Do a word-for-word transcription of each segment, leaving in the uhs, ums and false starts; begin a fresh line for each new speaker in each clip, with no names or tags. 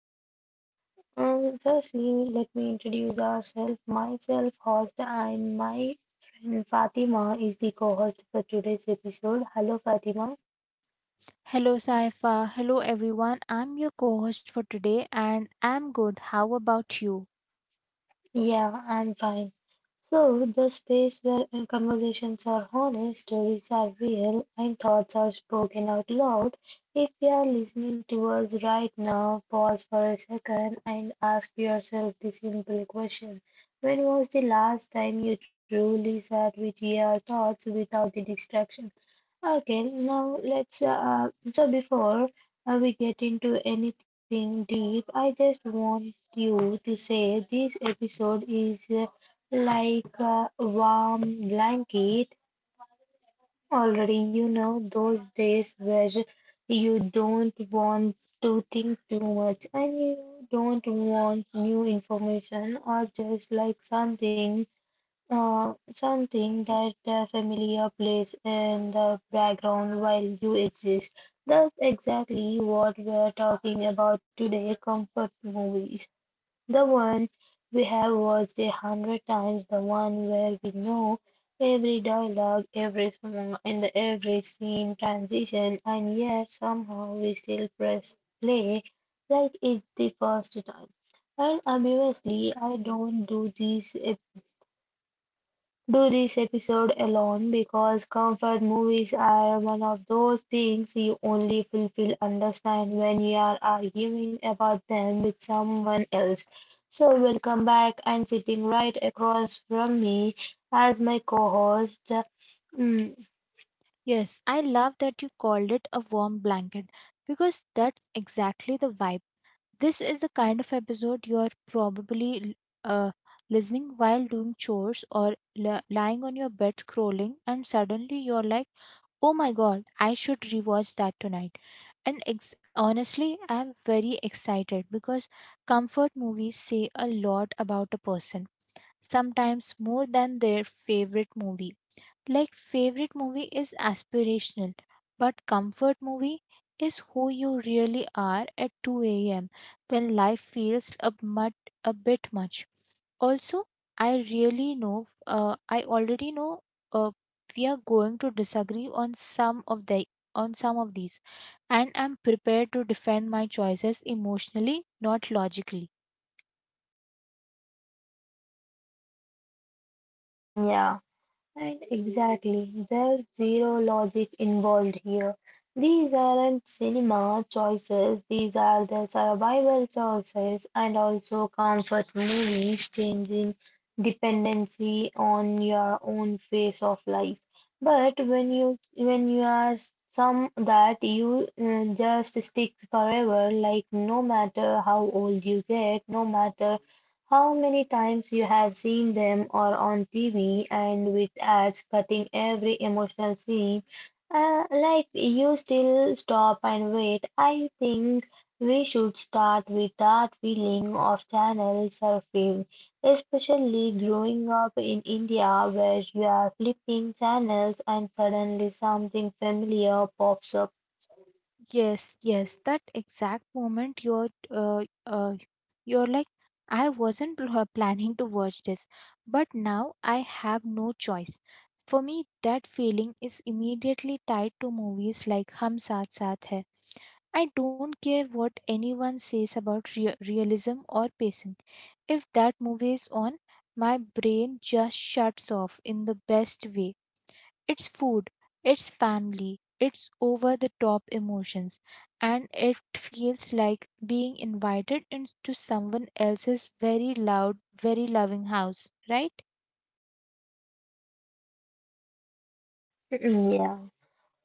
podcast. And firstly, let me introduce ourselves. Myself, host, and my friend Fatima is the co-host for today's episode. Hello, Fatima.
Hello, Saifa. Hello, everyone. I'm your co host for today and I'm good. How about you?
Yeah, I'm fine. So, the space where conversations are honest, stories are real, and thoughts are spoken out loud. If you are listening to us right now, pause for a second and ask yourself the simple question. When was the last time you truly sat with your thoughts without the distraction? Okay, now let's. Uh, so before uh, we get into anything deep, I just want you to say this episode is uh, like a warm blanket. Already, you know those days where you don't want to think too much and you don't want new information or just like something uh, something that the familiar plays in the background while you exist. That's exactly what we're talking about today, comfort movies. The one we have watched a hundred times, the one where we know every dialogue, every song, and every scene transition, and yet somehow we still press play like it's the first time. And obviously, I don't do these do this episode alone because comfort movies are one of those things you only fully understand when you are arguing about them with someone else. So, welcome back and sitting right across from me as my co host.
Yes, I love that you called it a warm blanket because that's exactly the vibe. This is the kind of episode you're probably uh, listening while doing chores or li- lying on your bed scrolling, and suddenly you're like, oh my god, I should rewatch that tonight. And ex- honestly, I'm very excited because comfort movies say a lot about a person sometimes more than their favorite movie. Like, favorite movie is aspirational, but comfort movie is who you really are at two a m when life feels a, mut- a bit much. Also, I really know, uh, I already know uh, we are going to disagree on some of the on some of these and I'm prepared to defend my choices emotionally, not logically.
Mm, yeah, right, exactly. There's zero logic involved here. These aren't cinema choices, these are the survival choices, and also comfort movies changing dependency on your own phase of life. But when you when you are some that you uh, just stick forever, like no matter how old you get, no matter how many times you have seen them or on T V and with ads cutting every emotional scene, uh, like you still stop and wait. I think we should start with that feeling of channel surfing, especially growing up in India where you are flipping channels and suddenly something familiar pops up.
Yes, yes, that exact moment you're uh, uh, you're like I wasn't pl- uh, planning to watch this, but now I have no choice. For me, that feeling is immediately tied to movies like Hum Saath Saath Hai. I don't care what anyone says about rea- realism or pacing. If that movie is on, my brain just shuts off in the best way. It's food, it's family, it's over the top emotions, and it feels like being invited into someone else's very loud, very loving house, right?
Yeah.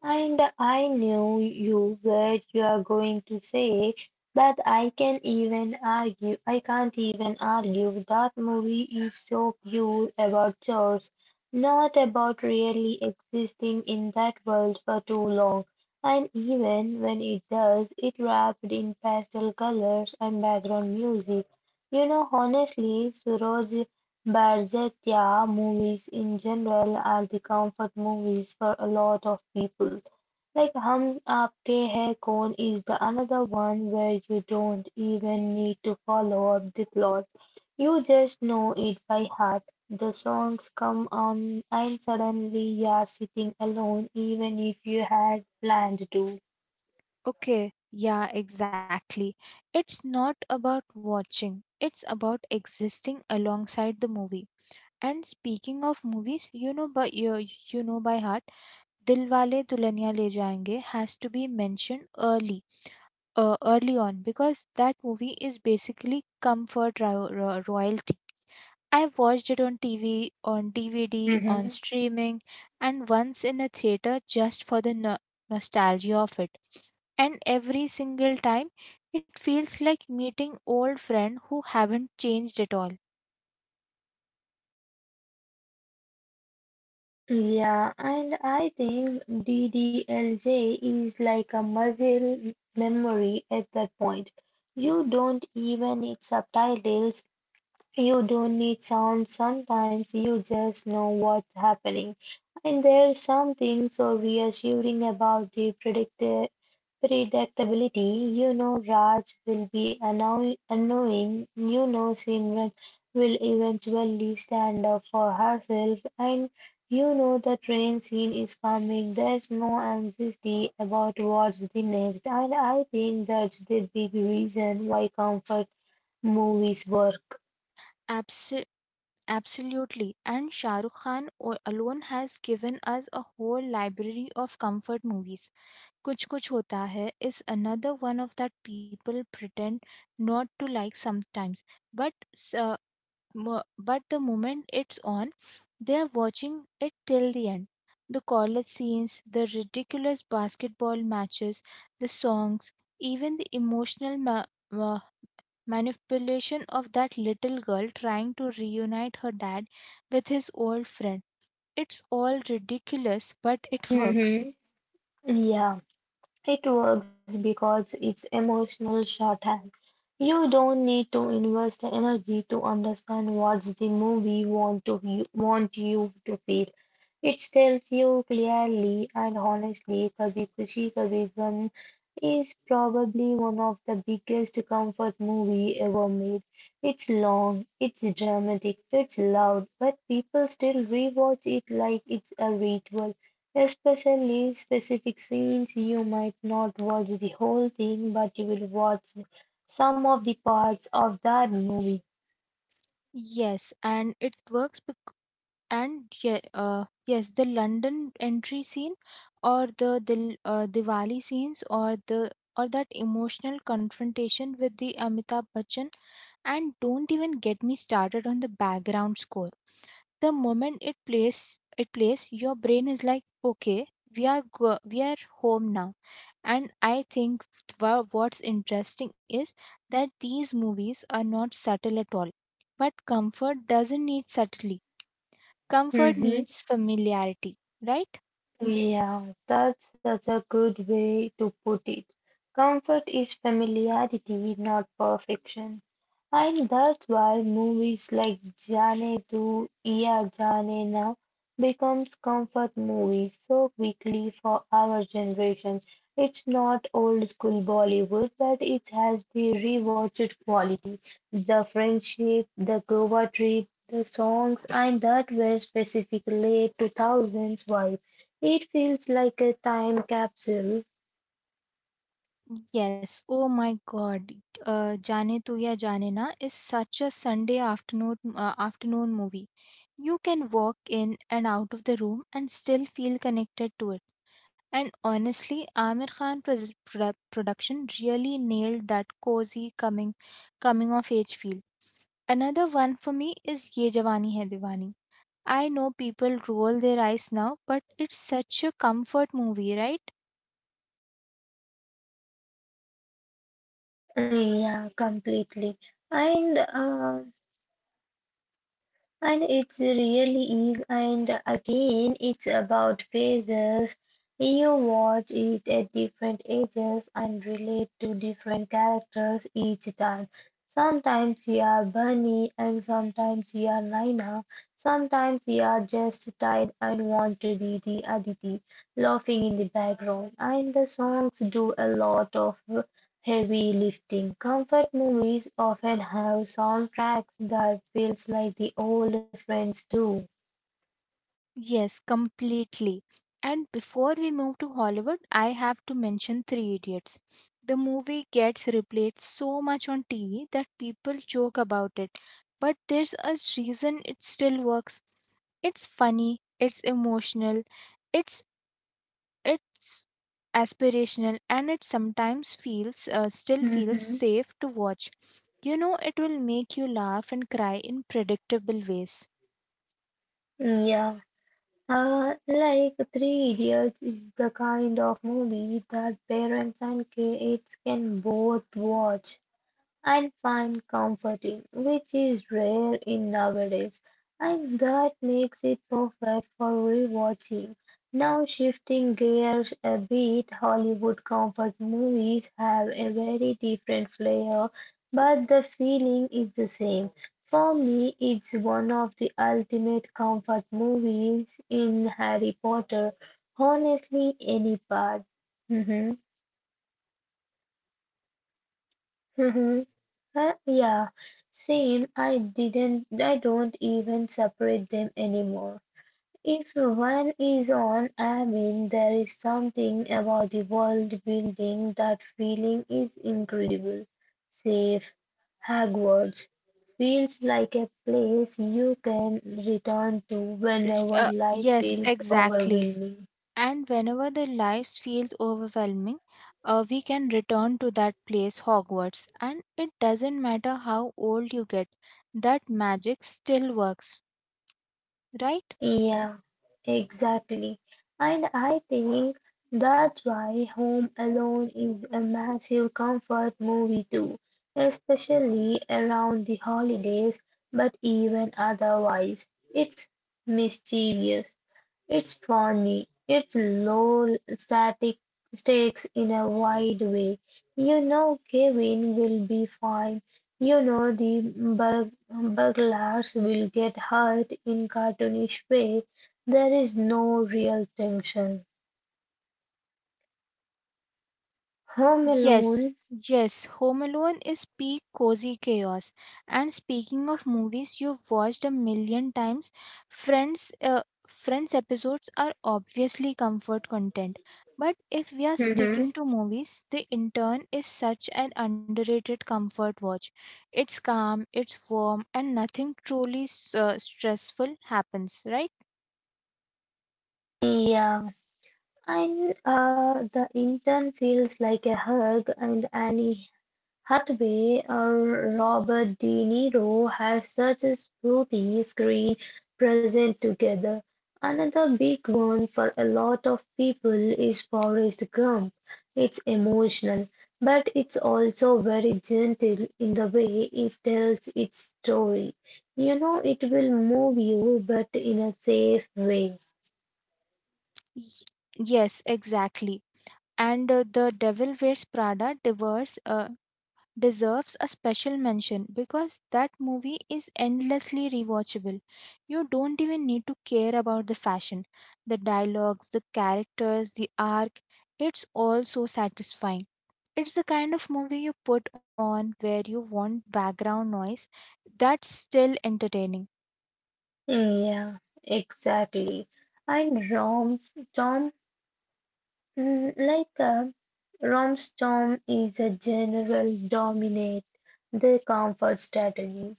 And I knew you were you are going to say that I can even argue I can't even argue that movie is so pure about chores, not about really existing in that world for too long. And even when it does, it wrapped in pastel colors and background music. You know, honestly, Suraj. Barzetya movies in general are the comfort movies for a lot of people. Like Hum Aapke Hai Kaun is the another one where you don't even need to follow up the plot. You just know it by heart. The songs come on and suddenly you are sitting alone even if you had planned to.
Okay, yeah, exactly. It's not about watching, it's about existing alongside the movie. And speaking of movies, you know by you, you know by heart, Dilwale Dulhania Le Jayenge has to be mentioned early uh, early on because that movie is basically comfort ro- ro- royalty. I've watched it on T V, on D V D, on
Mhm.
streaming, and once in a theater just for the no- nostalgia of it. And every single time, it feels like meeting old friend who haven't changed at all.
Yeah, and I think D D L J is like a muscle memory at that point. You don't even need subtitles, you don't need sound, sometimes you just know what's happening. And there's something so reassuring about the predicti- predictability. You know, Raj will be annoy- annoying, you know, Simran will eventually stand up for herself, and you know, the train scene is coming. There's no anxiety about what's the next, and I think that's the big reason why comfort movies work.
Abso- Absolutely. And Shah Rukh Khan o- alone has given us a whole library of comfort movies. Kuch Kuch Hota Hai is another one of that people pretend not to like sometimes, but s- uh, mo- but the moment it's on, they are watching it till the end. The college scenes, the ridiculous basketball matches, the songs, even the emotional ma- ma- manipulation of that little girl trying to reunite her dad with his old friend. It's all ridiculous, but it works.
Mm-hmm. Yeah, it works because it's emotional shorthand. You don't need to invest energy to understand what the movie want to you, want you to feel. It tells you clearly and honestly. Kabhi Kushi Kabhi Gham is probably one of the biggest comfort movie ever made. It's long, it's dramatic, it's loud, but people still rewatch it like it's a ritual. Especially specific scenes, you might not watch the whole thing, but you will watch some of the parts of that movie.
Yes, and it works because and yeah, uh, yes, the London entry scene, or the the uh, Diwali scenes, or the or that emotional confrontation with the Amitabh Bachchan, and don't even get me started on the background score. The moment it plays, it plays, your brain is like, okay, we are go- we are home now. And I think wha- what's interesting is that these movies are not subtle at all. But comfort doesn't need subtlety. Comfort
Hmm.
needs familiarity, right?
Yeah, that's such a good way to put it. Comfort is familiarity, not perfection. And that's why movies like Jaane Do Ya Jaane Na becomes comfort movies so quickly for our generation. It's not old school Bollywood, but it has the rewatched quality. The friendship, the Goa trip, the songs, and that were specifically two thousands vibe. It feels like a time capsule.
Yes. Oh my God. Uh, Jaane Tu Ya Jaane Na is such a Sunday afternoon uh, afternoon movie. You can walk in and out of the room and still feel connected to it. And honestly, Amir Khan pres- produ- production really nailed that cozy coming coming of age feel. Another one for me is Ye Jawani Hai Diwani. I know people roll their eyes now, but it's such a comfort movie, right?
Yeah, completely. And uh, And it really is, and again, it's about phases. You watch it at different ages and relate to different characters each time. Sometimes you are Bunny, and sometimes you are Naina. Sometimes you are just tired and want to be the Aditi, laughing in the background. And the songs do a lot of heavy-lifting. Comfort movies often have soundtracks that feels like the old friends do.
Yes, completely. And before we move to Hollywood, I have to mention Three Idiots. The movie gets replayed so much on T V that people joke about it, but there's a reason it still works. It's funny, it's emotional, it's it's aspirational, and it sometimes feels uh, still feels
Mm-hmm.
safe to watch. You know, it will make you laugh and cry in predictable ways.
Yeah, uh, like Three Idiots is the kind of movie that parents and kids can both watch and find comforting, which is rare in nowadays, and that makes it perfect for rewatching. Now, shifting gears a bit, Hollywood comfort movies have a very different flair, but the feeling is the same. For me, it's one of the ultimate comfort movies in Harry Potter. Honestly, any part. Hmm. Yeah, same. I didn't, I don't even separate them anymore. If one is on, I mean, there is something about the world building that feeling is incredible. Safe, Hogwarts feels like a place you can return to whenever
Uh,
life
yes,
feels
exactly.
overwhelming.
And whenever the life feels overwhelming, uh, we can return to that place, Hogwarts, and it doesn't matter how old you get, that magic still works, right?
Yeah, exactly. And I think that's why Home Alone is a massive comfort movie too, especially around the holidays, but even otherwise. It's mischievous. It's funny. It's low static stakes in a wide way. You know Kevin will be fine. You know the bur- burglars will get hurt in cartoonish way. There is no real tension. Home Alone.
Yes, yes, Home Alone is peak cozy chaos. And speaking of movies you've watched a million times, Friends, uh, Friends episodes are obviously comfort content. But if we are
Hmm.
sticking to movies, The Intern is such an underrated comfort watch. It's calm, it's warm, and nothing truly s- uh, stressful happens, right?
Yeah, and uh, the intern feels like a hug, and Annie Hathaway or Robert De Niro had such a spooky screen present together. Another big one for a lot of people is Forrest Gump. It's emotional, but it's also very gentle in the way it tells its story. You know, it will move you, but in a safe way.
Y- Yes, exactly. And uh, The Devil Wears Prada diverse, uh, deserves a special mention because that movie is endlessly rewatchable. You don't even need to care about the fashion, the dialogues, the characters, the arc. It's all so satisfying. It's the kind of movie you put on where you want background noise that's still entertaining.
Yeah, exactly. And Rom, Tom Mm, Like a rom Romstom is a general dominate the comfort strategy.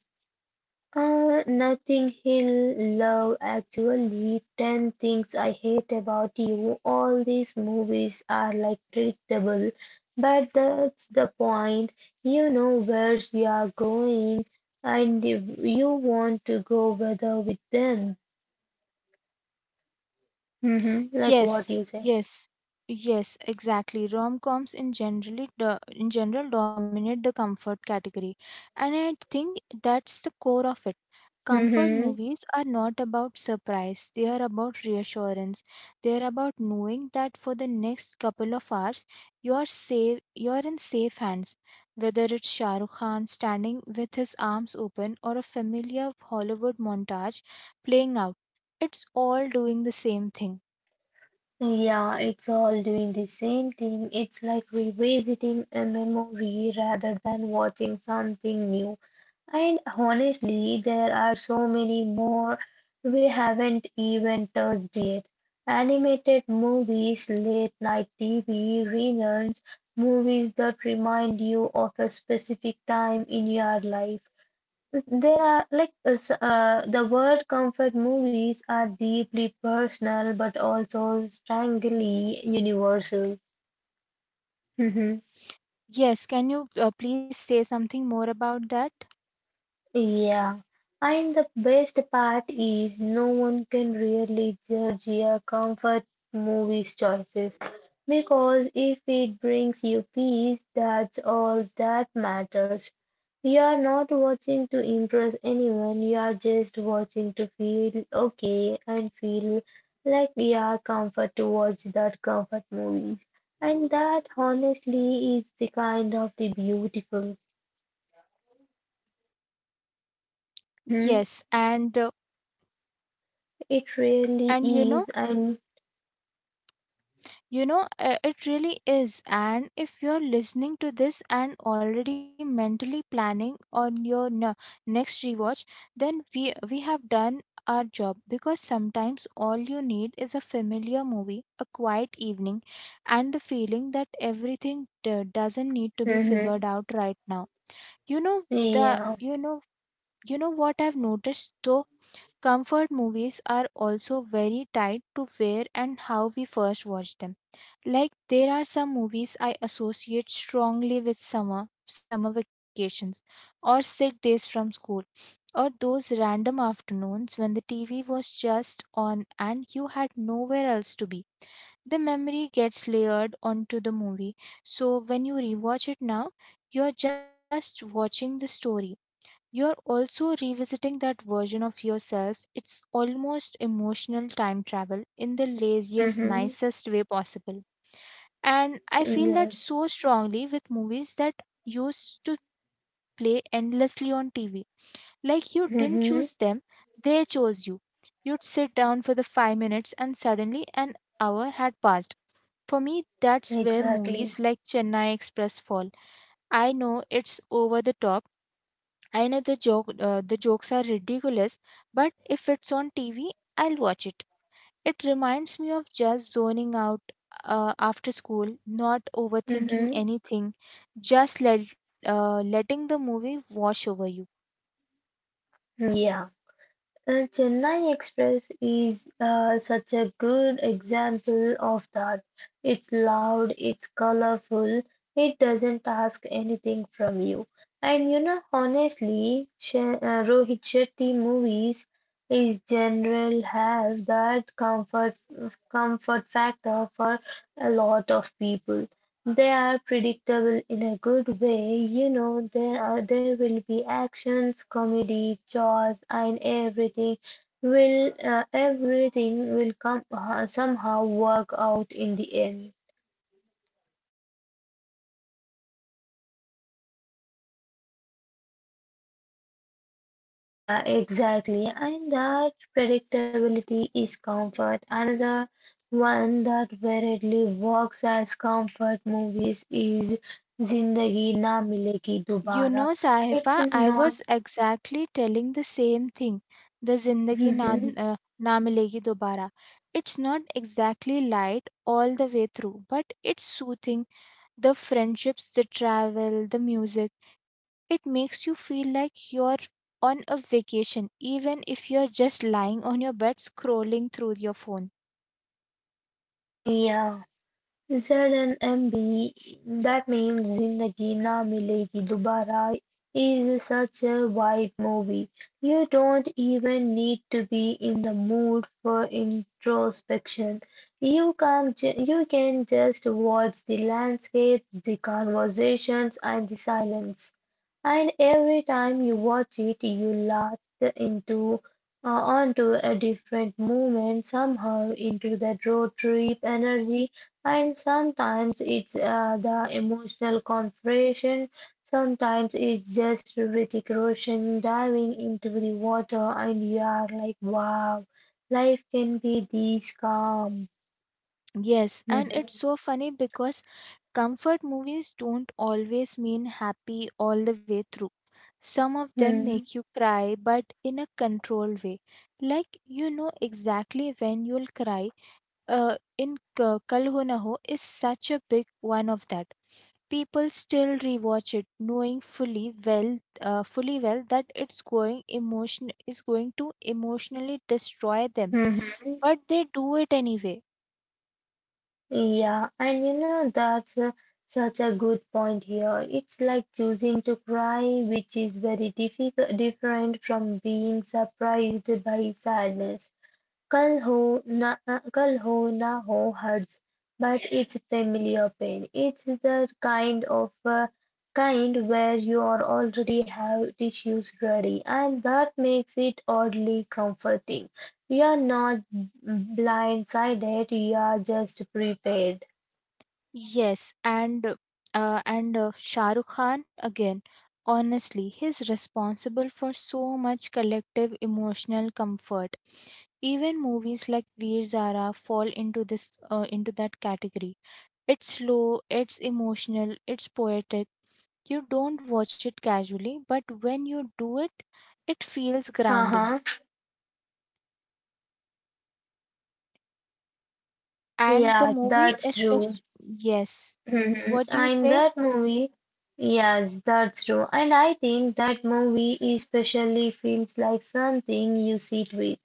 Uh, nothing he'll love actually, ten things I hate about you. All these movies are like predictable, but that's the point. You know where you are going, and if you want to go whether with them. Hmm. Like what
Yes,
you say.
yes, yes, exactly. Rom-coms in generally do- in general dominate the comfort category, and I think that's the core of it. Comfort
Hmm.
movies are not about surprise, they are about reassurance. They are about knowing that for the next couple of hours you are safe, you are in safe hands. Whether it's Shah Rukh Khan standing with his arms open or a familiar Hollywood montage playing out, it's all doing the same thing.
Yeah, it's all doing the same thing. It's like revisiting a memory rather than watching something new. And honestly, there are so many more we haven't even touched yet. Animated movies, late night T V, reruns, movies that remind you of a specific time in your life. There are like uh, s- uh, the word comfort movies are deeply personal but also strangely universal.
Yes, can you uh, please say something more about that?
Yeah, and the best part is no one can really judge your comfort movies choices because if it brings you peace, that's all that matters. You are not watching to impress anyone, you are just watching to feel okay and feel like you are comfort to watch that comfort movie. And that honestly is the kind of the beautiful. Mhm.
Yes, and uh,
It really
and you know,
is, and
you know, uh, it really is. And if you're listening to this and already mentally planning on your ne- next rewatch, then we we have done our job because sometimes all you need is a familiar movie, a quiet evening, and the feeling that everything d- doesn't need to be figured
mm-hmm,
out right now. You know the
yeah,
you know You know what I've noticed though? Comfort movies are also very tied to where and how we first watched them. Like there are some movies I associate strongly with summer, summer vacations, or sick days from school, or those random afternoons when the T V was just on and you had nowhere else to be. The memory gets layered onto the movie, so when you rewatch it now, you're just watching the story, you're also revisiting that version of yourself. It's almost emotional time travel in the laziest,
mm-hmm,
nicest way possible. And I feel that
yes,
so strongly with movies that used to play endlessly on T V. Like you didn't choose them,
mm-hmm,
they chose you. You'd sit down for the five minutes and suddenly an hour had passed. For me, that's where
exactly.
movies like Chennai Express fall. I know it's over the top. I know the joke uh, the jokes are ridiculous, but if it's on T V, I'll watch it. It reminds me of just zoning out uh, after school, not overthinking
Mm-hmm.
anything, just let, uh, letting the movie wash over you.
Yeah. Uh, Chennai Express is uh, such a good example of that. It's loud, it's colorful, it doesn't ask anything from you. And you know, honestly, Sh uh, Rohit Shetty movies is general have that comfort comfort factor for a lot of people. They are predictable in a good way, you know there are there will be actions, comedy, chores and everything will uh, everything will come uh, somehow work out in the end. Yeah, exactly. And that predictability is comfort. Another one that verily works as comfort movies is Zindagi Na Milegi
You know,
Dobara. It's
Sahiba, I
not.
was exactly telling the same thing. The Zindagi Na,
Mhm.
uh, na Milegi Dobara. It's not exactly light all the way through, but it's soothing, the friendships, the travel, the music. It makes you feel like you're on a vacation, even if you're just lying on your bed scrolling through your phone.
Yeah. زرन M B, that means Zindagi Na Milegi Dubara, is such a wide movie. You don't even need to be in the mood for introspection. You can, ju- you can just watch the landscape, the conversations, and the silence. And every time you watch it, you latch into uh, onto a different movement somehow into that road trip energy, and sometimes it's uh, the emotional confrontation, sometimes it's just Hrithik Roshan diving into the water, and you are like, wow, life can be this calm.
Yes, and
Mhm.
it's so funny because comfort movies don't always mean happy all the way through. Some of them
Mhm.
make you cry, but in a controlled way. Like you know exactly when you'll cry uh, in K- Kal Ho Na Ho is such a big one of that. People still rewatch it, knowing fully well, uh, fully well that it's going emotion is going to emotionally destroy them,
Mhm.
but they do it anyway.
Yeah, and you know, that's uh, such a good point here. It's like choosing to cry, which is very difficult, different from being surprised by sadness. Kal ho na Kal ho na ho hurts, but it's familiar pain. It's the kind of uh, kind where you are already have tissues ready, and that makes it oddly comforting. You are not blindsided, you are just prepared.
Yes, and uh, and uh, Shah Rukh Khan again. Honestly, he's responsible for so much collective emotional comfort. Even movies like Veer Zara fall into this uh, into that category. It's slow, it's emotional, it's poetic. You don't watch it casually, but when you do it, it feels
Haha.
grounding. And the
Yeah,
movie,
that's true.
especially, yes.
Mhm.
What do you
And
say?
that movie, yes, that's true. And I think that movie especially feels like something you sit with.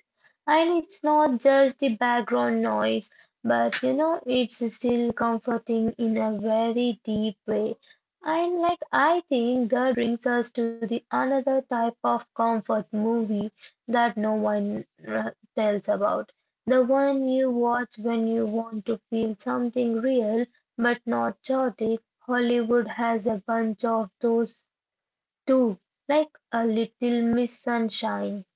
And it's not just the background noise, but you know, it's still comforting in a very deep way. And like, I think that brings us to the another type of comfort movie that no one uh, tells about. The one you watch when you want to feel something real but not chaotic, Hollywood has a bunch of those too, like a Little Miss Sunshine.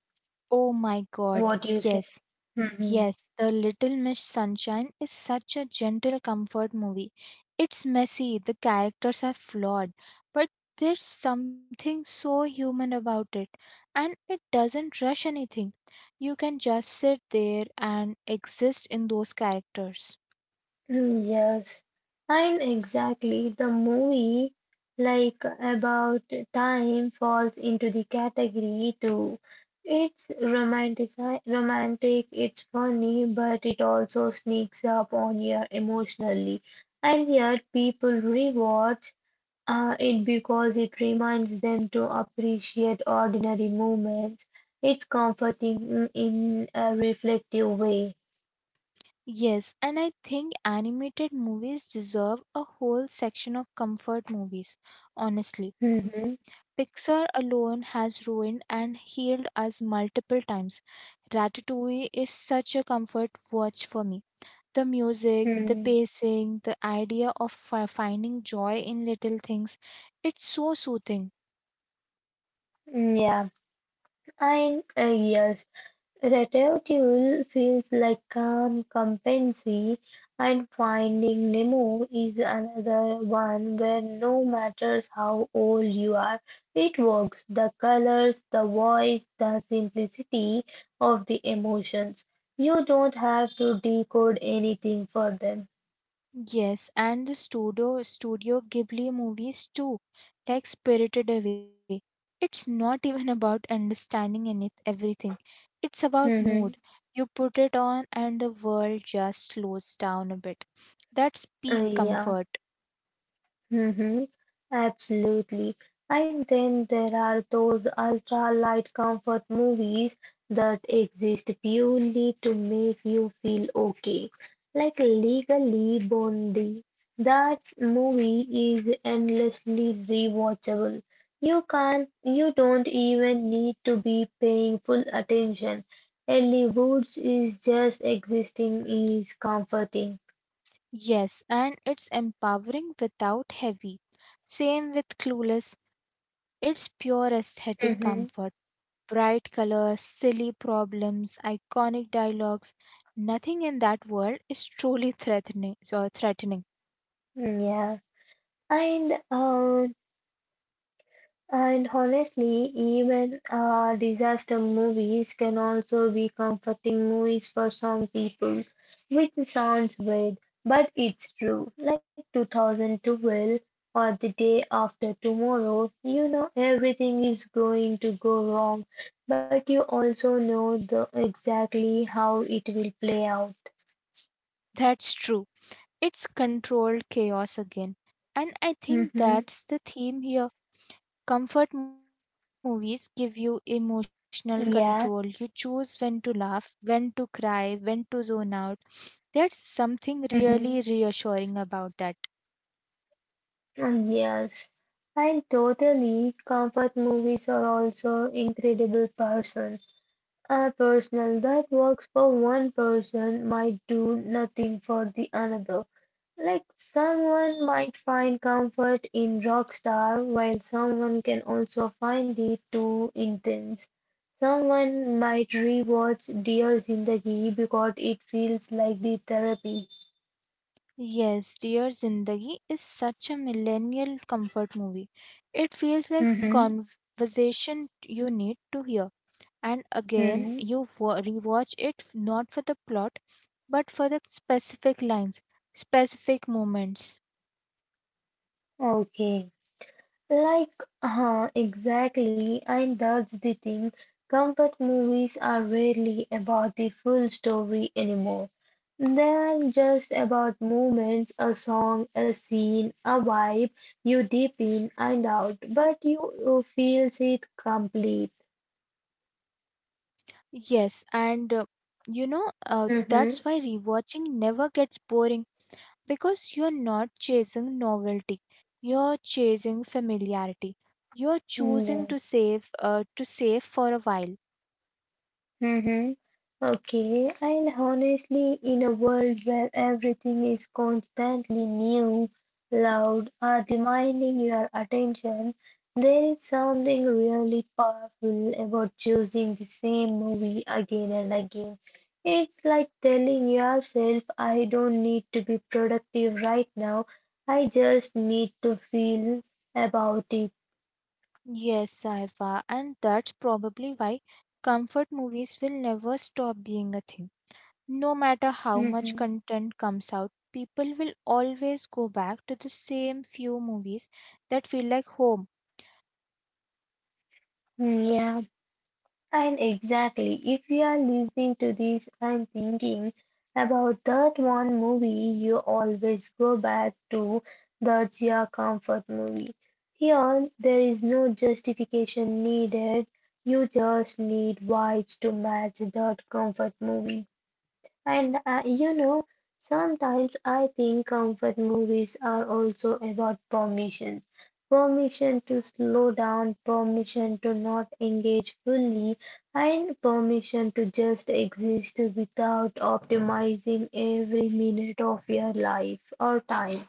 Oh my god,
What you say?
yes.
Mhm.
Yes, The Little Miss Sunshine is such a gentle comfort movie. It's messy, the characters are flawed, but there's something so human about it, and it doesn't rush anything. You can just sit there and exist in those characters.
Yes, and exactly the movie like About Time falls into the category too. It's romantic, romantic, it's funny, but it also sneaks up on you emotionally. And yet people reward Uh, it because it reminds them to appreciate ordinary moments. It's comforting in a reflective way.
Yes, and I think animated movies deserve a whole section of comfort movies, honestly.
Mhm.
Pixar alone has ruined and healed us multiple times. Ratatouille is such a comfort watch for me. The music, the
Hmm.
pacing, the idea of fi- finding joy in little things, it's so soothing.
Yeah, I uh, yes, Ratatouille feels like calm competency, and Finding Nemo is another one where no matter how old you are, it works. The colors, the voice, the simplicity of the emotions. You don't have to decode anything for them.
Yes, and the studio Studio Ghibli movies too take Spirited Away. It's not even about understanding in it everything. It's about mood.
Mhm.
You put it on and the world just slows down a bit. That's peak
Uh, Yeah.
comfort.
Hmm. Absolutely. And then there are those ultra light comfort movies that exist purely to make you feel okay, like Legally Bondi. That movie is endlessly rewatchable. You can't, you don't even need to be paying full attention. Ellie Woods is just existing is comforting.
Yes, and it's empowering without heavy. Same with Clueless. It's pure aesthetic comfort.
Hmm.
Bright colors, silly problems, iconic dialogues. Nothing in that world is truly threatening. Uh, threatening.
Yeah. And uh, And honestly, even uh, disaster movies can also be comforting movies for some people, which sounds weird, but it's true. Like two thousand twelve or the day after tomorrow, you know everything is going to go wrong, but you also know the, exactly how it will play out.
That's true. It's controlled chaos again. And I think
Mm-hmm.
that's the theme here. Comfort movies give you emotional control. You
Yeah.
choose when to laugh, when to cry, when to zone out. There's something really
Mm-hmm.
reassuring about that.
Yes, and totally. Comfort movies are also incredible person. A personal that works for one person might do nothing for the another. Like someone might find comfort in Rockstar, while someone can also find it too intense. Someone might rewatch Dear Zindagi because it feels like the therapy.
Yes, Dear Zindagi is such a millennial comfort movie. It feels like
Mm-hmm.
conversation you need to hear. And again,
Mm-hmm.
you wa- rewatch it f- not for the plot, but for the specific lines, specific moments.
Okay. Like, uh, exactly, and that's the thing. Comfort movies are rarely about the full story anymore. They're just about moments, a song, a scene, a vibe you dip in and out, but you, you feels it complete.
Yes, and uh, you know, uh, that's why rewatching never gets boring because you're not chasing novelty, you're chasing familiarity. You're choosing
Mm-hmm.
to save, uh, to save for a while.
Mm-hmm. Okay, and honestly, in a world where everything is constantly new, loud, or demanding your attention, there is something really powerful about choosing the same movie again and again. It's like telling yourself, I don't need to be productive right now, I just need to feel about it.
Yes, Saifa, and that's probably why comfort movies will never stop being a thing. No matter how much
Mhm.
content comes out, people will always go back to the same few movies that feel like home.
Yeah. And exactly, if you are listening to this and thinking about that one movie, you always go back to that's your comfort movie. Here, there is no justification needed. You just need vibes to match that comfort movie. And uh, you know, sometimes I think comfort movies are also about permission. Permission to slow down, permission to not engage fully, and permission to just exist without optimizing every minute of your life or time.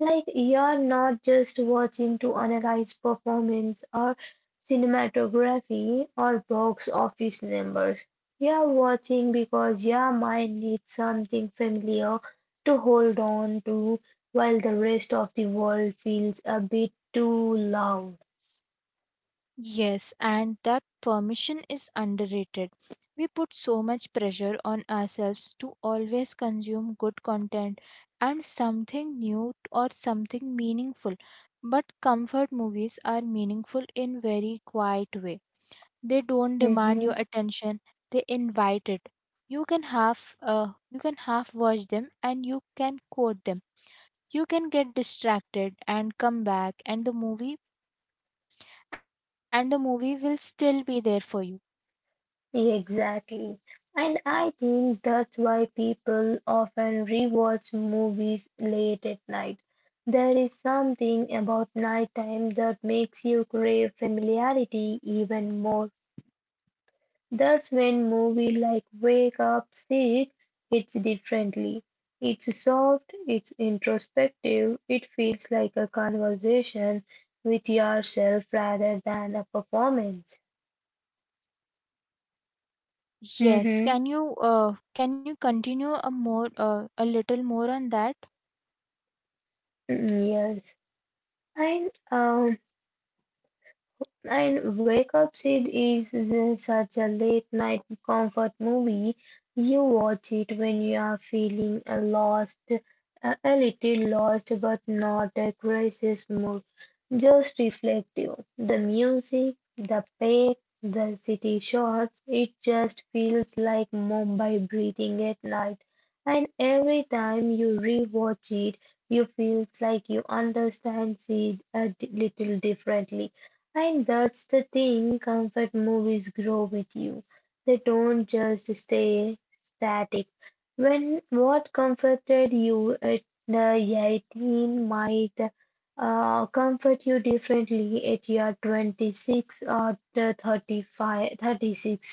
Like, you're not just watching to analyze performance or cinematography, or box office numbers. You're watching because your mind needs something familiar to hold on to while the rest of the world feels a bit too loud.
Yes, and that permission is underrated. We put so much pressure on ourselves to always consume good content and something new or something meaningful. But comfort movies are meaningful in very quiet way. They don't demand your
Mhm.
attention, they invite it. You can half uh, you can half watch them and you can quote them. You can get distracted and come back, and the movie and the movie will still be there for you.
Exactly. And I think that's why people often rewatch movies late at night. There is something about nighttime that makes you crave familiarity even more. That's when movie like Wake Up Sick hits differently. It's soft, it's introspective, it feels like a conversation with yourself rather than a performance.
Yes,
Mm-hmm.
can you uh, can you continue a more uh, a little more on that?
Yes. And um and Wake Up Sid is is such a late night comfort movie. You watch it when you are feeling uh, lost A a little lost, but not a crisis mood, just reflective. The music, the pace, the city shots, it just feels like Mumbai breathing at night. And every time you rewatch it, you feel like you understand it a d- little differently. And that's the thing, comfort movies grow with you. They don't just stay static. When what comforted you at the eighteen might uh, comfort you differently at your twenty-six or the thirty-five, thirty-six.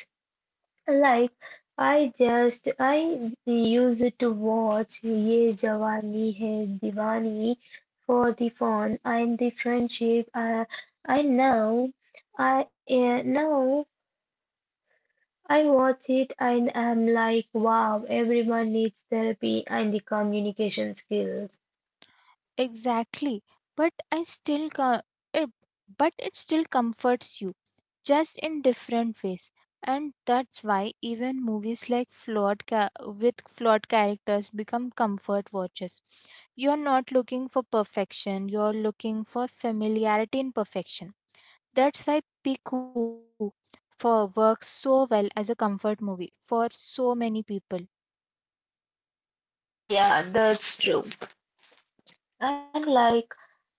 Like I just I used to watch Ye Jawani Hai Diwani for the fun and the friendship. I I know I uh, Now I watch it and I'm like wow everyone needs therapy and the communication skills.
Exactly. But I still co- it, but it still comforts you just in different ways. And that's why even movies like flawed ca- with flawed characters become comfort watches. You're not looking for perfection, you're looking for familiarity in perfection. That's why Piku for works so well as a comfort movie for so many people.
Yeah, that's true. And like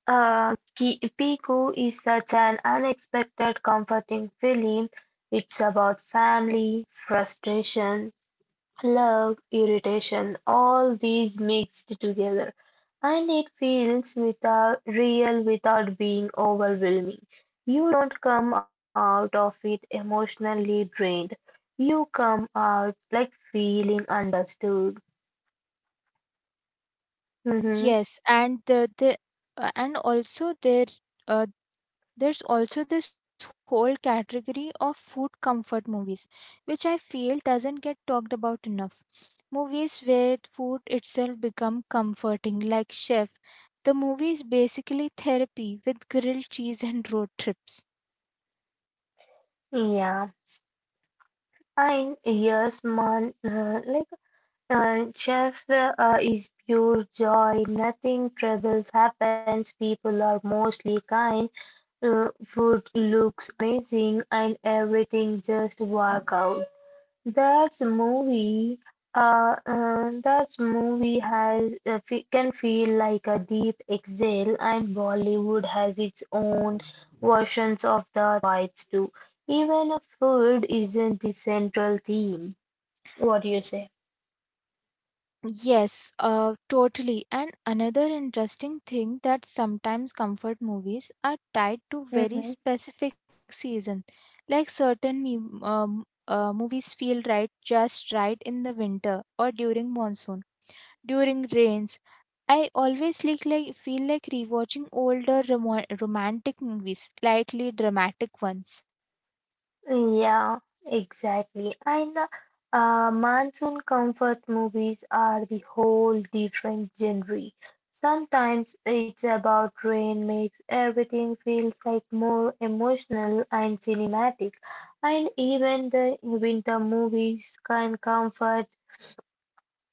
Uh, Ki- Piku is such an unexpected, comforting film. It's about family, frustration, love, irritation, all these mixed together. And it feels without, real without being overwhelming. You don't come out of it emotionally drained. You come out like feeling understood. Hmm.
Yes, and the, the uh, and also there uh, there's also this whole category of food comfort movies, which I feel doesn't get talked about enough. Movies where food itself become comforting, like Chef. The movie is basically therapy with grilled cheese and road trips.
Yeah. And yes, man, uh, like Shakespeare is pure joy, nothing troubles happens, people are mostly kind, Uh, food looks amazing, and everything just work out. That's movie. Uh, uh, that movie has uh, fe- can feel like a deep exhale, and Bollywood has its own versions of that vibes too. Even if food isn't the central theme. What do you say?
Yes, uh, totally. And another interesting thing that sometimes comfort movies are tied to very specific season, like certain me- um, uh, movies feel right just right in the winter or during monsoon, during rains. I always like, like feel like rewatching older romo- romantic movies, slightly dramatic ones.
Yeah, exactly. And the uh, monsoon comfort movies are the whole different genre. Sometimes it's about rain makes everything feels like more emotional and cinematic. And even the winter movies can comfort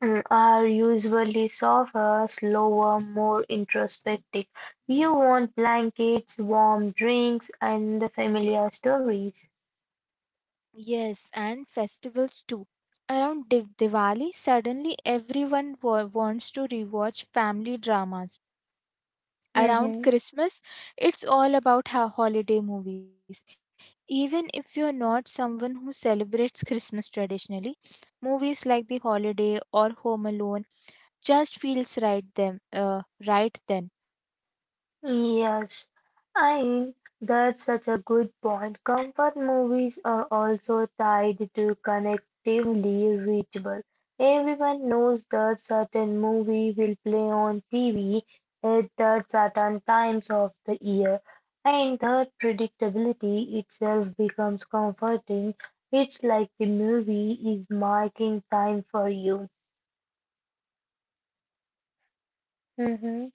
mm, are usually softer, slower, more introspective. You want blankets, warm drinks, and familiar stories.
Yes, and festivals too. Around Div- Diwali, suddenly everyone wa- wants to rewatch family dramas. Around
Hmm.
Christmas, it's all about ho- holiday movies. Even if you're not someone who celebrates Christmas traditionally, movies like The Holiday or Home Alone just feels right them uh, right then.
Yes, I mean, that's such a good point. Comfort movies are also tied to connectively reachable. Everyone knows that certain movie will play on T V at that certain times of the year, and that predictability itself becomes comforting. It's like the movie is marking time for you. Mhm.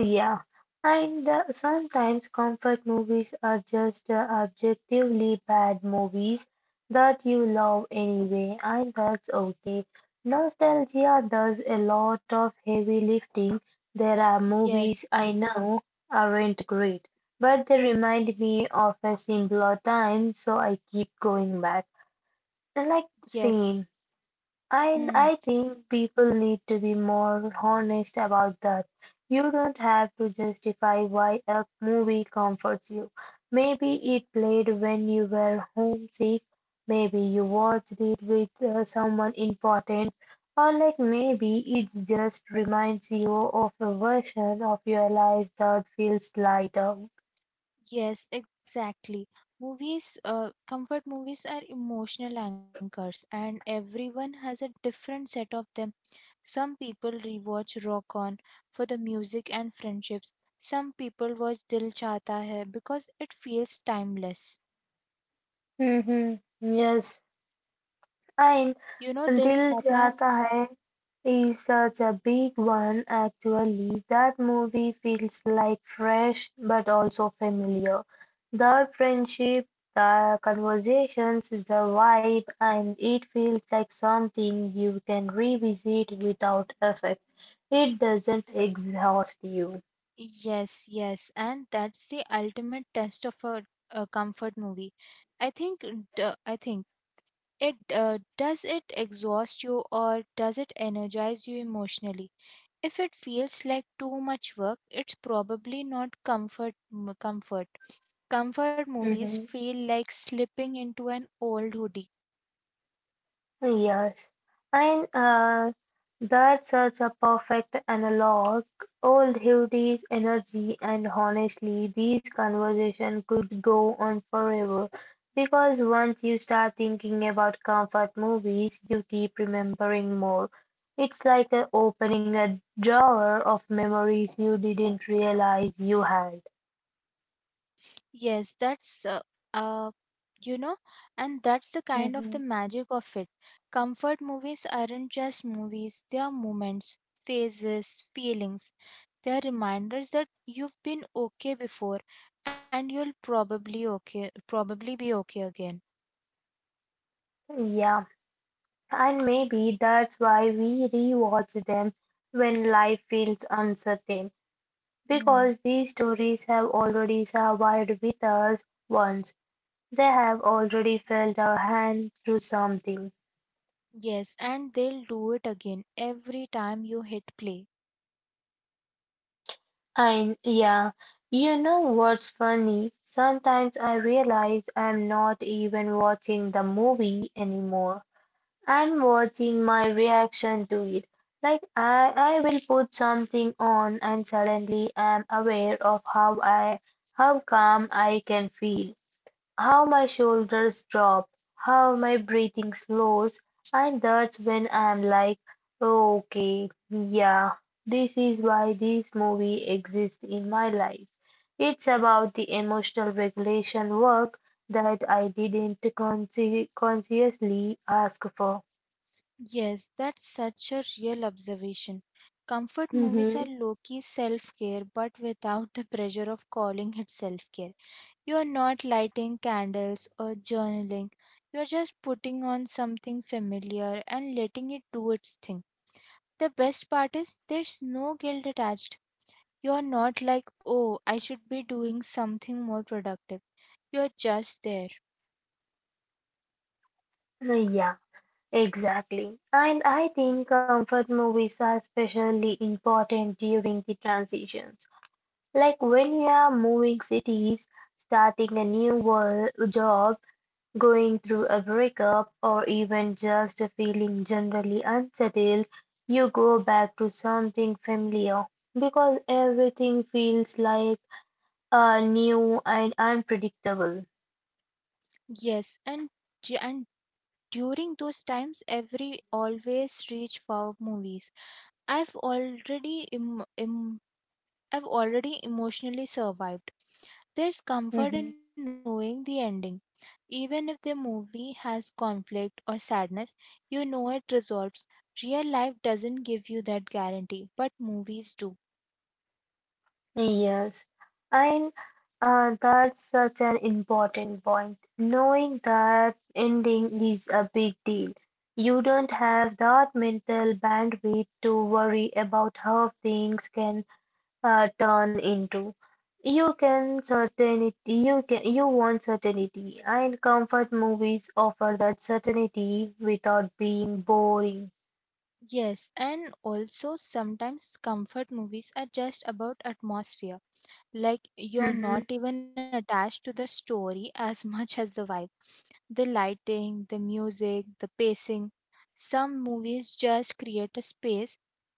Yeah, and uh, sometimes comfort movies are just uh, objectively bad movies that you love anyway, and that's okay. Nostalgia does a lot of heavy lifting. There are movies
Yes,
I know aren't great, but they remind me of a simpler time, so I keep going back. Like,
yes.
same. I I
Hmm.
think people need to be more honest about that. You don't have to justify why a movie comforts you. Maybe it played when you were homesick, maybe you watched it with uh, someone important, or like maybe it just reminds you of a version of your life that feels lighter.
Yes, exactly. Movies, uh, comfort movies are emotional anchors, and everyone has a different set of them. Some people rewatch Rock On for the music and friendships. Some people watch Dil Chahta Hai because it feels timeless.
Hmm. Yes. And
You know, Dil
Dil
Chahta.
Chahta Hai is such a big one actually. That movie feels like fresh but also familiar. The friendship, the conversations, the vibe, and it feels like something you can revisit without effect. It doesn't exhaust you.
Yes, yes, and that's the ultimate test of a, a comfort movie, I think. D- I think it uh, does it exhaust you or does it energize you emotionally? If it feels like too much work, it's probably not comfort m- comfort. Comfort movies feel like slipping into an old hoodie.
Yes, and uh, that's such a perfect analog. Old Hildy's energy, and honestly, these conversation could go on forever because once you start thinking about comfort movies, you keep remembering more. It's like uh, opening a drawer of memories you didn't realize you had.
Yes, that's uh, uh you know, and that's the kind of the
Hmm.
magic of it. Comfort movies aren't just movies, they are moments, phases, feelings. They are reminders that you've been okay before and you'll probably okay probably be okay again.
Yeah. And maybe that's why we rewatch them when life feels uncertain,
Hmm.
because these stories have already survived with us once. They have already felt our hand through something.
Yes, and they'll do it again every time you hit play.
And yeah, you know what's funny? Sometimes I realize I'm not even watching the movie anymore. I'm watching my reaction to it. Like I, I will put something on and suddenly am aware of how I how calm I can feel, how my shoulders drop, how my breathing slows, and that's when I'm like, okay, yeah, this is why this movie exists in my life. It's about the emotional regulation work that I didn't consci- consciously ask for.
Yes, that's such a real observation. Comfort movies are
Mm-hmm.
low key self care, but without the pressure of calling it self care. You are not lighting candles or journaling, you are just putting on something familiar and letting it do its thing. The best part is there's no guilt attached. You are not like, oh, I should be doing something more productive. You are just there.
Well, yeah, exactly. And I think comfort movies are especially important during the transitions. Like when you are moving cities, starting a new world job, going through a breakup, or even just feeling generally unsettled, you go back to something familiar because everything feels like uh, new and unpredictable.
Yes, and du- and during those times, every always reach for movies. I've already Im- Im- I've already emotionally survived. There's comfort in knowing the ending. Even if the movie has conflict or sadness, you know it resolves. Real life doesn't give you that guarantee, but movies do.
Yes, and uh, that's such an important point. Knowing that ending is a big deal. You don't have that mental bandwidth to worry about how things can uh, turn into. You can certainty, you can, you want certainty, and comfort movies offer that certainty without being boring.
Yes, and also sometimes comfort movies are just about atmosphere. Like, you're not
Mhm.
even attached to the story as much as the vibe, the lighting, the music, the pacing. Some movies just create a space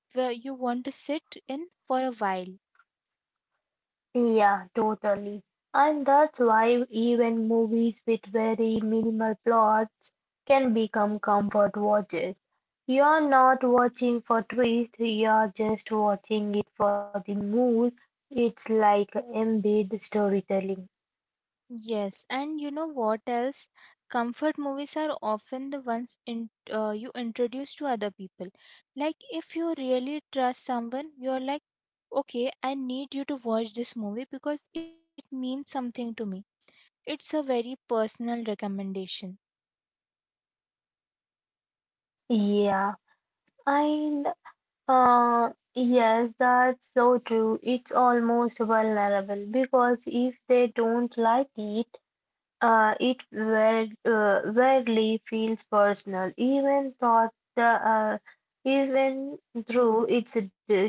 where you want to sit in for a while.
Yeah, totally. And that's why even movies with very minimal plots can become comfort watches. You're not watching for twist, you're just watching it for the mood. It's like embed storytelling.
Yes, and you know what else? Comfort movies are often the ones in, uh, you introduce to other people. Like if you really trust someone, you're like, okay, I need you to watch this movie because it means something to me. It's a very personal recommendation.
Yeah, and uh, yes, that's so true. It's almost vulnerable because if they don't like it, Uh, it weird, uh, weirdly feels personal, even thought the uh, even though it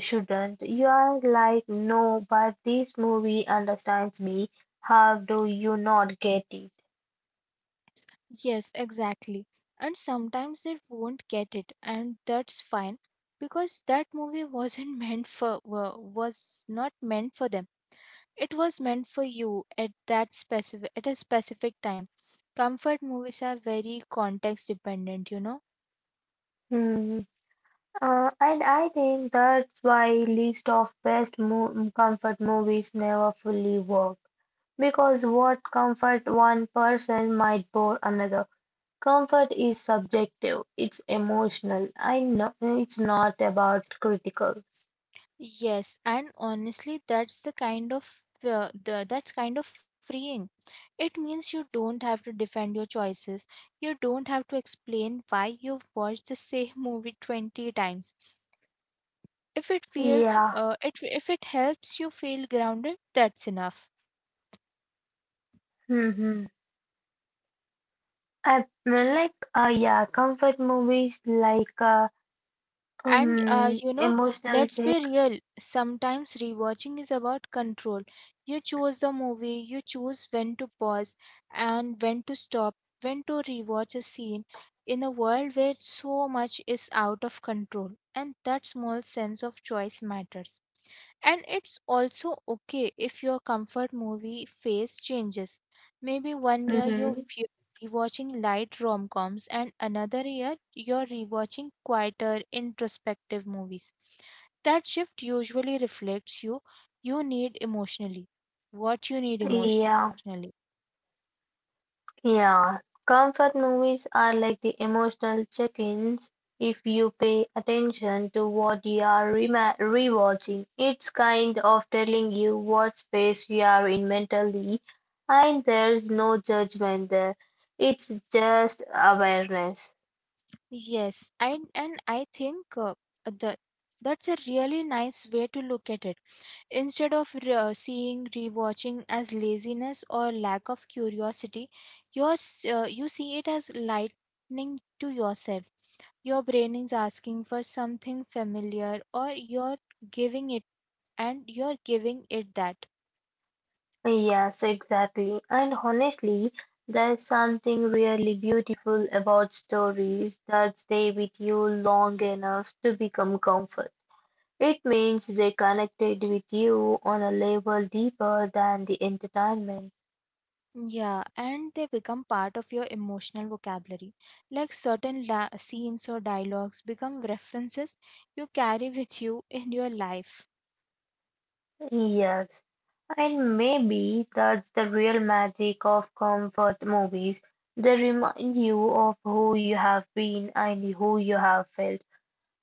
shouldn't. You are like, no, but this movie understands me. How do you not get it?
Yes, exactly. And sometimes they won't get it, and that's fine because that movie wasn't meant for wa- was not meant for them. It was meant for you at that specific at a specific time. Comfort movies are very context dependent, you know.
Hmm. Uh, and I think that's why list of best mo comfort movies never fully work because what comfort one person might bore another. Comfort is subjective, it's emotional. I know it's not about critical.
Yes, and honestly, that's the kind of uh, the, that's kind of freeing. It means you don't have to defend your choices. You don't have to explain why you've watched the same movie twenty times. If it feels
Yeah.
uh, it if it helps you feel grounded, that's enough.
Hmm. I like uh, yeah, comfort movies like uh,
And uh,
um
you know,
emotional
let's be
check.
real. Sometimes rewatching is about control. You choose the movie, you choose when to pause and when to stop, when to rewatch a scene in a world where so much is out of control. And that small sense of choice matters. And it's also okay if your comfort movie phase changes. Maybe one year you're
Hmm.
fe- rewatching light rom coms, and another year you're rewatching quieter, introspective movies. That shift usually reflects you you need emotionally what you need emotionally.
Yeah. Yeah, comfort movies are like the emotional check-ins. If you pay attention to what you are rema- rewatching, it's kind of telling you what space you are in mentally, and there's no judgment there. It's just awareness.
Yes, I and I think uh, the that's a really nice way to look at it. Instead of re- uh, seeing rewatching as laziness or lack of curiosity, you're, s- uh, you see it as lightning to yourself. Your brain is asking for something familiar, or you're giving it, and you're giving it that.
Yes, exactly. And honestly, there's something really beautiful about stories that stay with you long enough to become comfort. It means they connected with you on a level deeper than the entertainment.
Yeah, and they become part of your emotional vocabulary. Like certain la- scenes or dialogues become references you carry with you in your life.
Yes. And maybe that's the real magic of comfort movies. They remind you of who you have been and who you have felt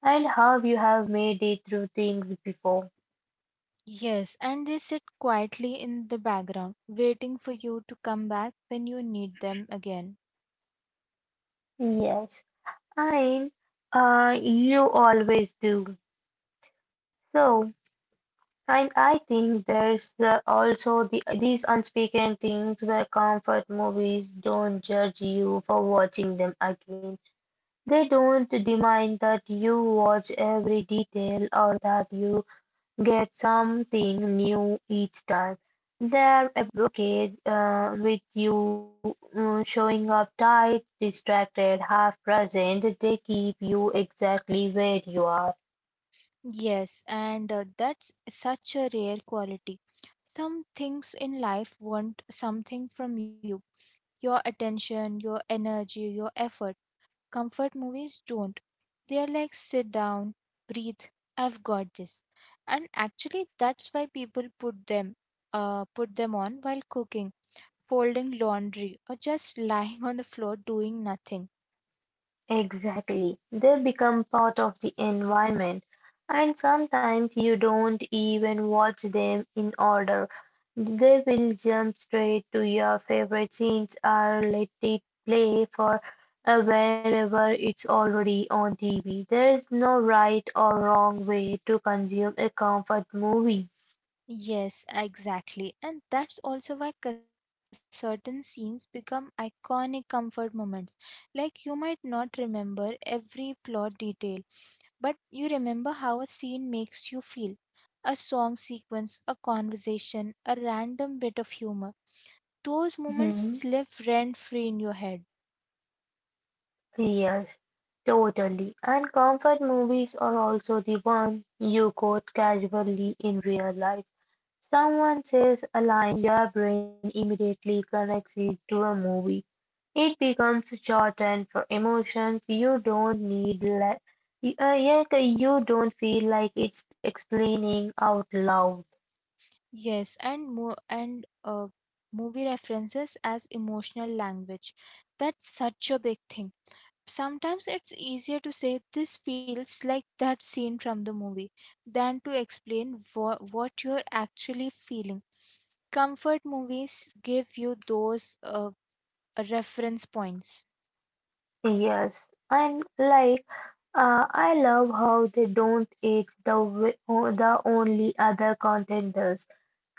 and how you have made it through things before.
Yes, and they sit quietly in the background, waiting for you to come back when you need them again.
Yes. And uh, you always do. So, and I think there's uh, also the, these unspoken things where comfort movies don't judge you for watching them again. They don't demand that you watch every detail or that you get something new each time. They're okay uh, with you uh, showing up tired, distracted, half present. They keep you exactly where you are.
Yes, and uh, that's such a rare quality. Some things in life want something from you: your attention, your energy, your effort. Comfort movies don't. They are like, sit down, breathe, I've got this. And actually, that's why people put them. Uh, put them on while cooking, folding laundry, or just lying on the floor doing nothing.
Exactly. They become part of the environment, and sometimes you don't even watch them in order. They will jump straight to your favorite scenes or let it play for uh, wherever it's already on T V. There is no right or wrong way to consume a comfort movie.
Yes, exactly. And that's also why c- certain scenes become iconic comfort moments. Like you might not remember every plot detail, but you remember how a scene makes you feel. A song sequence, a conversation, a random bit of humor. Those moments
Mhm.
live rent free in your head.
Yes, totally. And comfort movies are also the one you quote casually in real life. Someone says a line, your brain immediately connects it to a movie. It becomes shorthand for emotions you don't need, like, uh, yet you don't feel like it's explaining out loud.
Yes, and mo- and uh, movie references as emotional language. That's such a big thing. Sometimes it's easier to say this feels like that scene from the movie than to explain wha- what you're actually feeling. Comfort movies give you those uh, reference points.
Yes, and like uh, I love how they don't. It's the w- o- the only other content.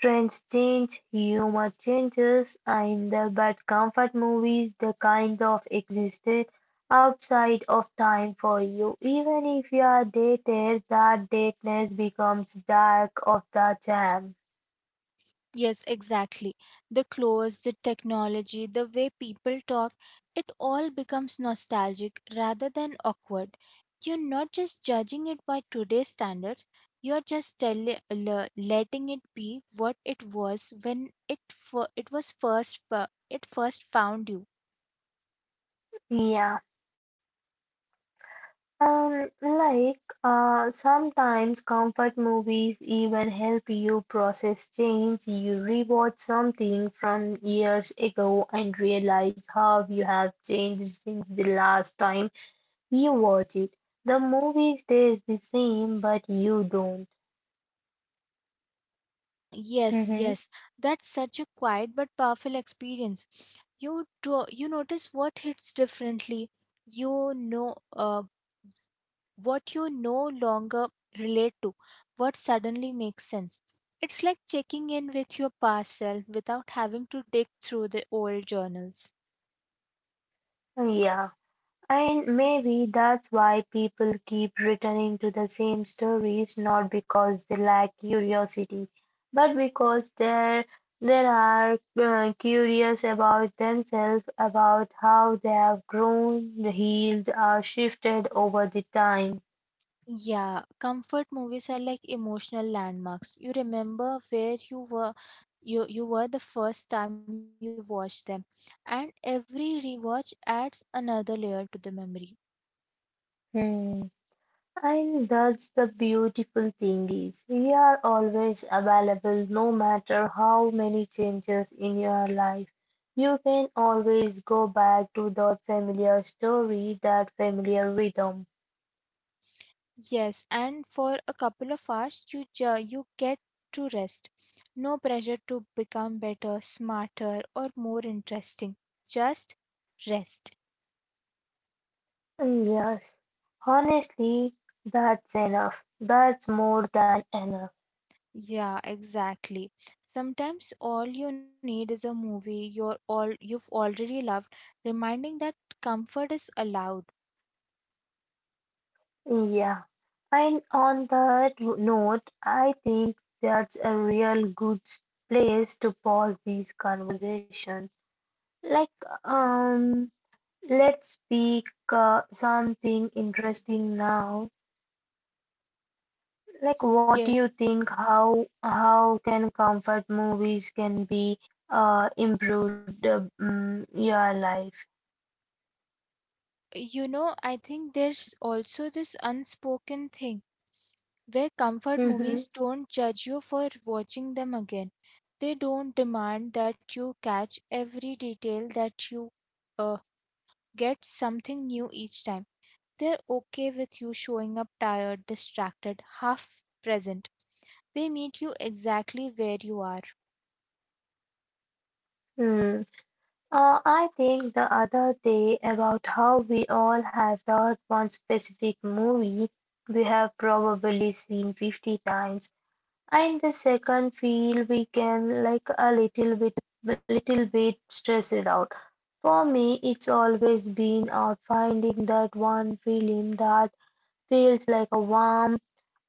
Trends change, humor changes, and the bad comfort movies, the kind of existed outside of time for you. Even if you are dated, that dateness becomes dark of the jam.
Yes, exactly. The clothes, the technology, the way people talk, it all becomes nostalgic rather than awkward. You're not just judging it by today's standards, you're just tell- le- letting it be what it was when it fir- it was first fir- it first found you.
Yeah. Um, like, uh, sometimes comfort movies even help you process change. You rewatch something from years ago and realize how you have changed since the last time you watch it. The movie stays the same, but you don't.
Yes,
Mm-hmm.
yes. That's such a quiet but powerful experience. You do, you notice what hits differently. You know uh, what you no longer relate to, what suddenly makes sense. It's like checking in with your past self without having to dig through the old journals.
Yeah, and maybe that's why people keep returning to the same stories, not because they lack curiosity, but because they're they are uh, curious about themselves, about how they have grown, healed, or shifted over the time.
Yeah, comfort movies are like emotional landmarks. You remember where you were you you were the first time you watched them, and every rewatch adds another layer to the memory.
And that's the beautiful thing is we are always available no matter how many changes in your life. You can always go back to that familiar story, that familiar rhythm.
Yes, and for a couple of hours you ju- you get to rest. No pressure to become better, smarter or more interesting. Just rest.
And yes, honestly, that's enough. That's more than enough.
Yeah, exactly. Sometimes all you need is a movie you're all you've already loved, reminding that comfort is allowed.
Yeah. And on that note, I think that's a real good place to pause this conversation. Like, um, let's pick uh, something interesting now. Like, what do you
Yes,
think? How how can comfort movies can be uh, improved uh, mm, your life?
you know, I think there's also this unspoken thing where comfort
Mm-hmm.
movies don't judge you for watching them again. They don't demand that you catch every detail, that you uh, get something new each time. They're okay with you showing up tired, distracted, half present. They meet you exactly where you are.
Mm. Uh, I think the other day about how we all have that one specific movie we have probably seen fifty times. And the second feel we can like a little bit little bit stressed out. For me it's always been out finding that one film that feels like a warm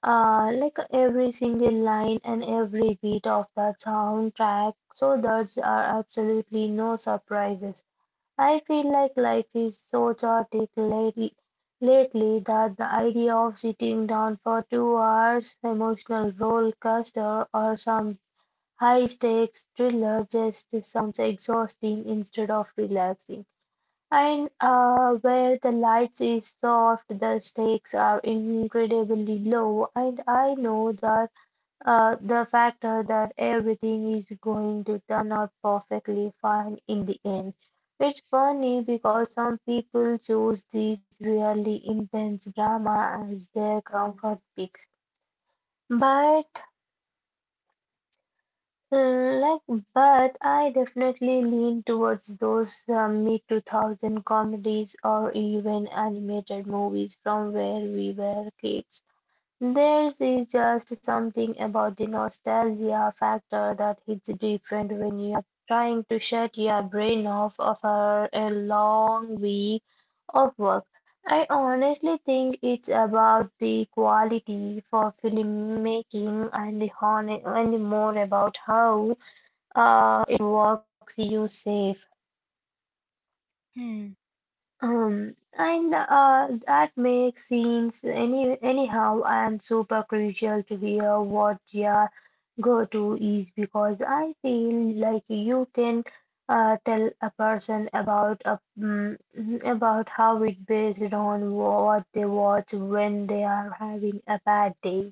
uh like every single line and every beat of that soundtrack so there are absolutely no surprises. I feel like life is so chaotic late, lately that the idea of sitting down for two hours emotional roller coaster or some high stakes thriller just sounds exhausting instead of relaxing. And uh, where the lights is soft, the stakes are incredibly low, and I know that uh, the factor that everything is going to turn out perfectly fine in the end. It's funny because some people choose these really intense drama as their comfort picks. But like, but I definitely lean towards those uh, mid two thousands comedies or even animated movies from where we were kids. There is just something about the nostalgia factor that hits different when you're trying to shut your brain off after a long week of work. I honestly think it's about the quality for filmmaking and the hon and the more about how uh, it works you safe.
Hmm.
Um, and uh, that makes scenes any anyhow and super crucial to hear what your go-to is because I feel like you can uh, tell a person about a, mm, about how it based on what they watch when they are having a bad day.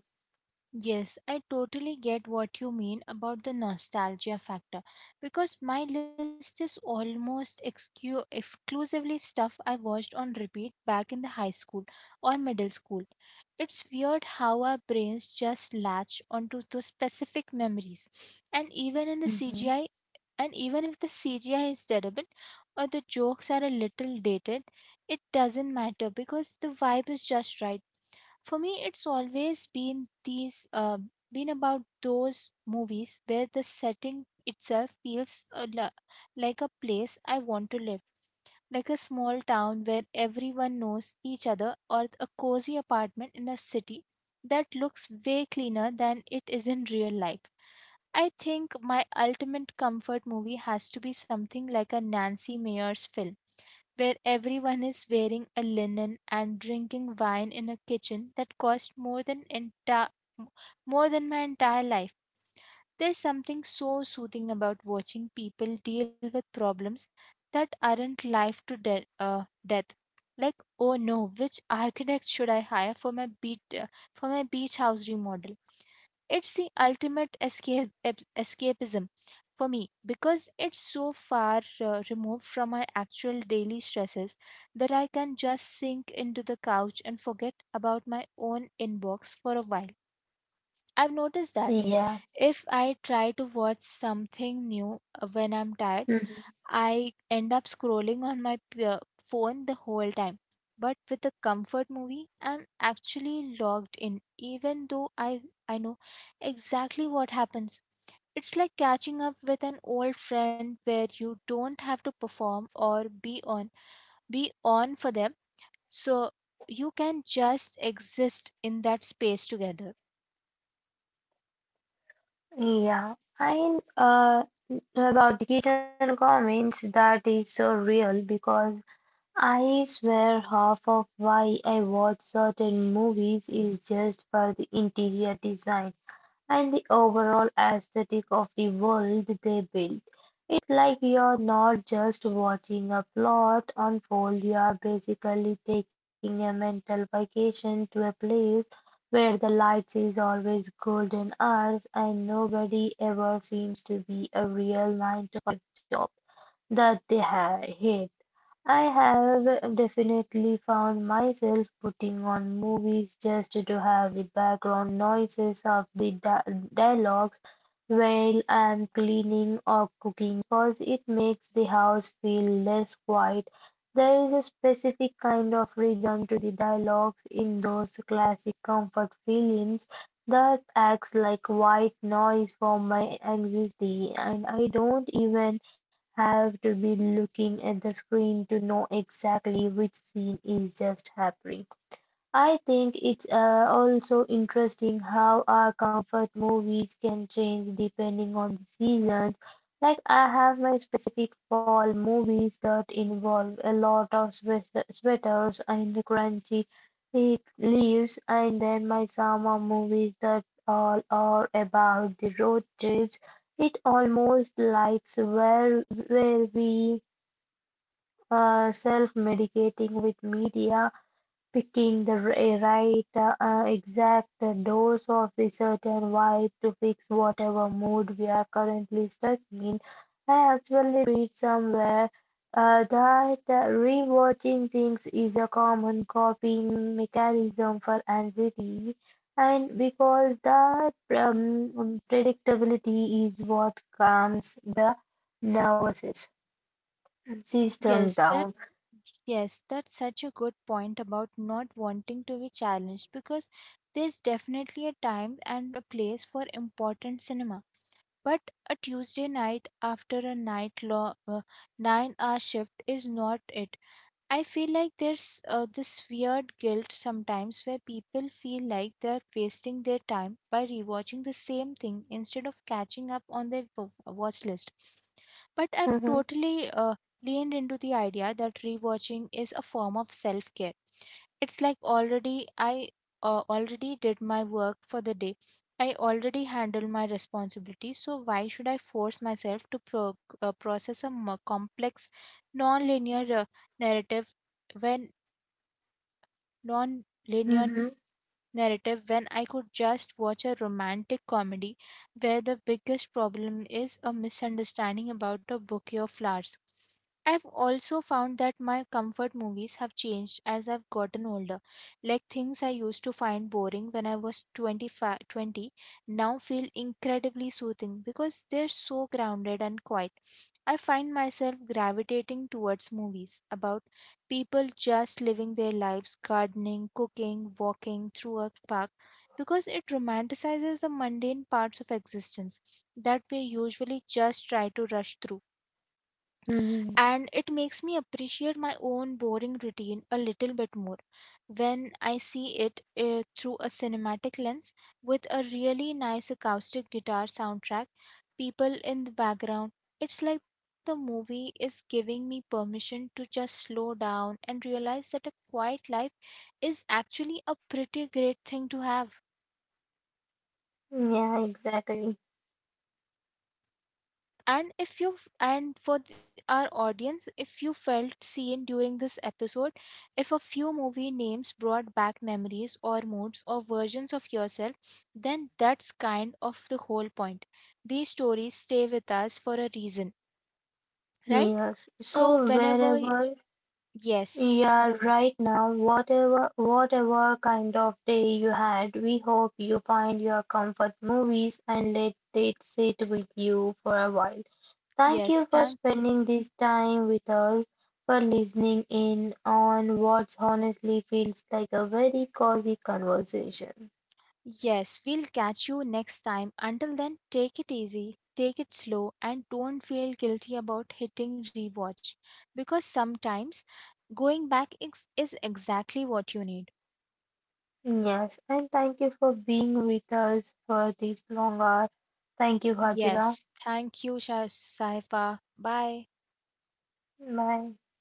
Yes, I totally get what you mean about the nostalgia factor because my list is almost excu- exclusively stuff I watched on repeat back in the high school or middle school. It's weird how our brains just latch onto those specific memories. And even in
Hmm.
the CGI, and even if the C G I is terrible or the jokes are a little dated, it doesn't matter because the vibe is just right. For me, it's always been these uh, been about those movies where the setting itself feels a lo- like a place I want to live, like a small town where everyone knows each other, or a cozy apartment in a city that looks way cleaner than it is in real life. I think my ultimate comfort movie has to be something like a Nancy Meyer's film, where everyone is wearing a linen and drinking wine in a kitchen that cost more than enti- more than my entire life. There's something so soothing about watching people deal with problems that aren't life to de- uh, death. Like, oh no, which architect should I hire for my beach uh, for my beach house remodel? It's the ultimate escape ep- escapism for me because it's so far uh, removed from my actual daily stresses that I can just sink into the couch and forget about my own inbox for a while. I've noticed that
Yeah.
if I try to watch something new uh, when I'm tired,
Mhm.
I end up scrolling on my p- uh, phone the whole time. But with a comfort movie, I'm actually logged in, even though I, I know exactly what happens. It's like catching up with an old friend where you don't have to perform or be on be on for them. So you can just exist in that space together.
Yeah. And uh, about the kitchen comments, that is so real because I swear half of why I watch certain movies is just for the interior design and the overall aesthetic of the world they build. It's like you're not just watching a plot unfold, you're basically taking a mental vacation to a place where the lights is always golden hours and nobody ever seems to be a real nine to five job that they ha hate. I have definitely found myself putting on movies just to have the background noises of the di dialogues well, I'm cleaning or cooking because it makes the house feel less quiet. There is a specific kind of rhythm to the dialogues in those classic comfort films that acts like white noise for my anxiety, and I don't even have to be looking at the screen to know exactly which scene is just happening. I think it's uh, also interesting how our comfort movies can change depending on the seasons. Like I have my specific fall movies that involve a lot of sweat- sweaters and crunchy eh, leaves, and then my summer movies that all are about the road trips. It almost likes where where we are self-medicating with media. Picking the r- eh, right uh, uh, exact dose of a certain vibe to fix whatever mood we're currently stuck in. I actually read somewhere uh, that uh, rewatching things is a common coping mechanism for anxiety, and because that um, predictability is what calms the nervous
Yes,
system
that's
down.
yes, that's such a good point about not wanting to be challenged because there's definitely a time and a place for important cinema. But a Tuesday night after a night long uh, nine hour shift is not it. I feel like there's uh, this weird guilt sometimes where people feel like they're wasting their time by rewatching the same thing instead of catching up on their wa- watch list. But I've
Mhm,
totally uh, leaned into the idea that rewatching is a form of self care. It's like already I uh, already did my work for the day. I already handled my responsibilities, so why should I force myself to pro- uh, process a more complex, non linear narrative when non-linear
mhm,
narrative when I could just watch a romantic comedy where the biggest problem is a misunderstanding about a bouquet of flowers. I've also found that my comfort movies have changed as I've gotten older. Like things I used to find boring when I was twenty-five, twenty now feel incredibly soothing because they're so grounded and quiet. I find myself gravitating towards movies about people just living their lives gardening, cooking, walking through a park, because it romanticizes the mundane parts of existence that we usually just try to rush through,
mhm.
and it makes me appreciate my own boring routine a little bit more when I see it uh, through a cinematic lens with a really nice acoustic guitar soundtrack, people in the background. It's like the movie is giving me permission to just slow down and realize that a quiet life is actually a pretty great thing to have.
Yeah, exactly.
And if you and for th- our audience, if you felt seen during this episode, if a few movie names brought back memories or moods or versions of yourself, then that's kind of the whole point. These stories stay with us for a reason, right?
Yes.
So
So
whenever
wherever
yes,
you are right now, whatever whatever kind of day you had, we hope you find your comfort movies and let it sit with you for a while. Thank
yes,
you for
thank
spending this time with us, for listening in on what honestly feels like a very cozy conversation.
Yes, we'll catch you next time. Until then, take it easy, take it slow, and don't feel guilty about hitting rewatch because sometimes going back ex- is exactly what you need.
Yes, and thank you for being with us for this long hour. Thank you, Hajira.
Yes, thank you, Sha- Saifa. Bye.
Bye.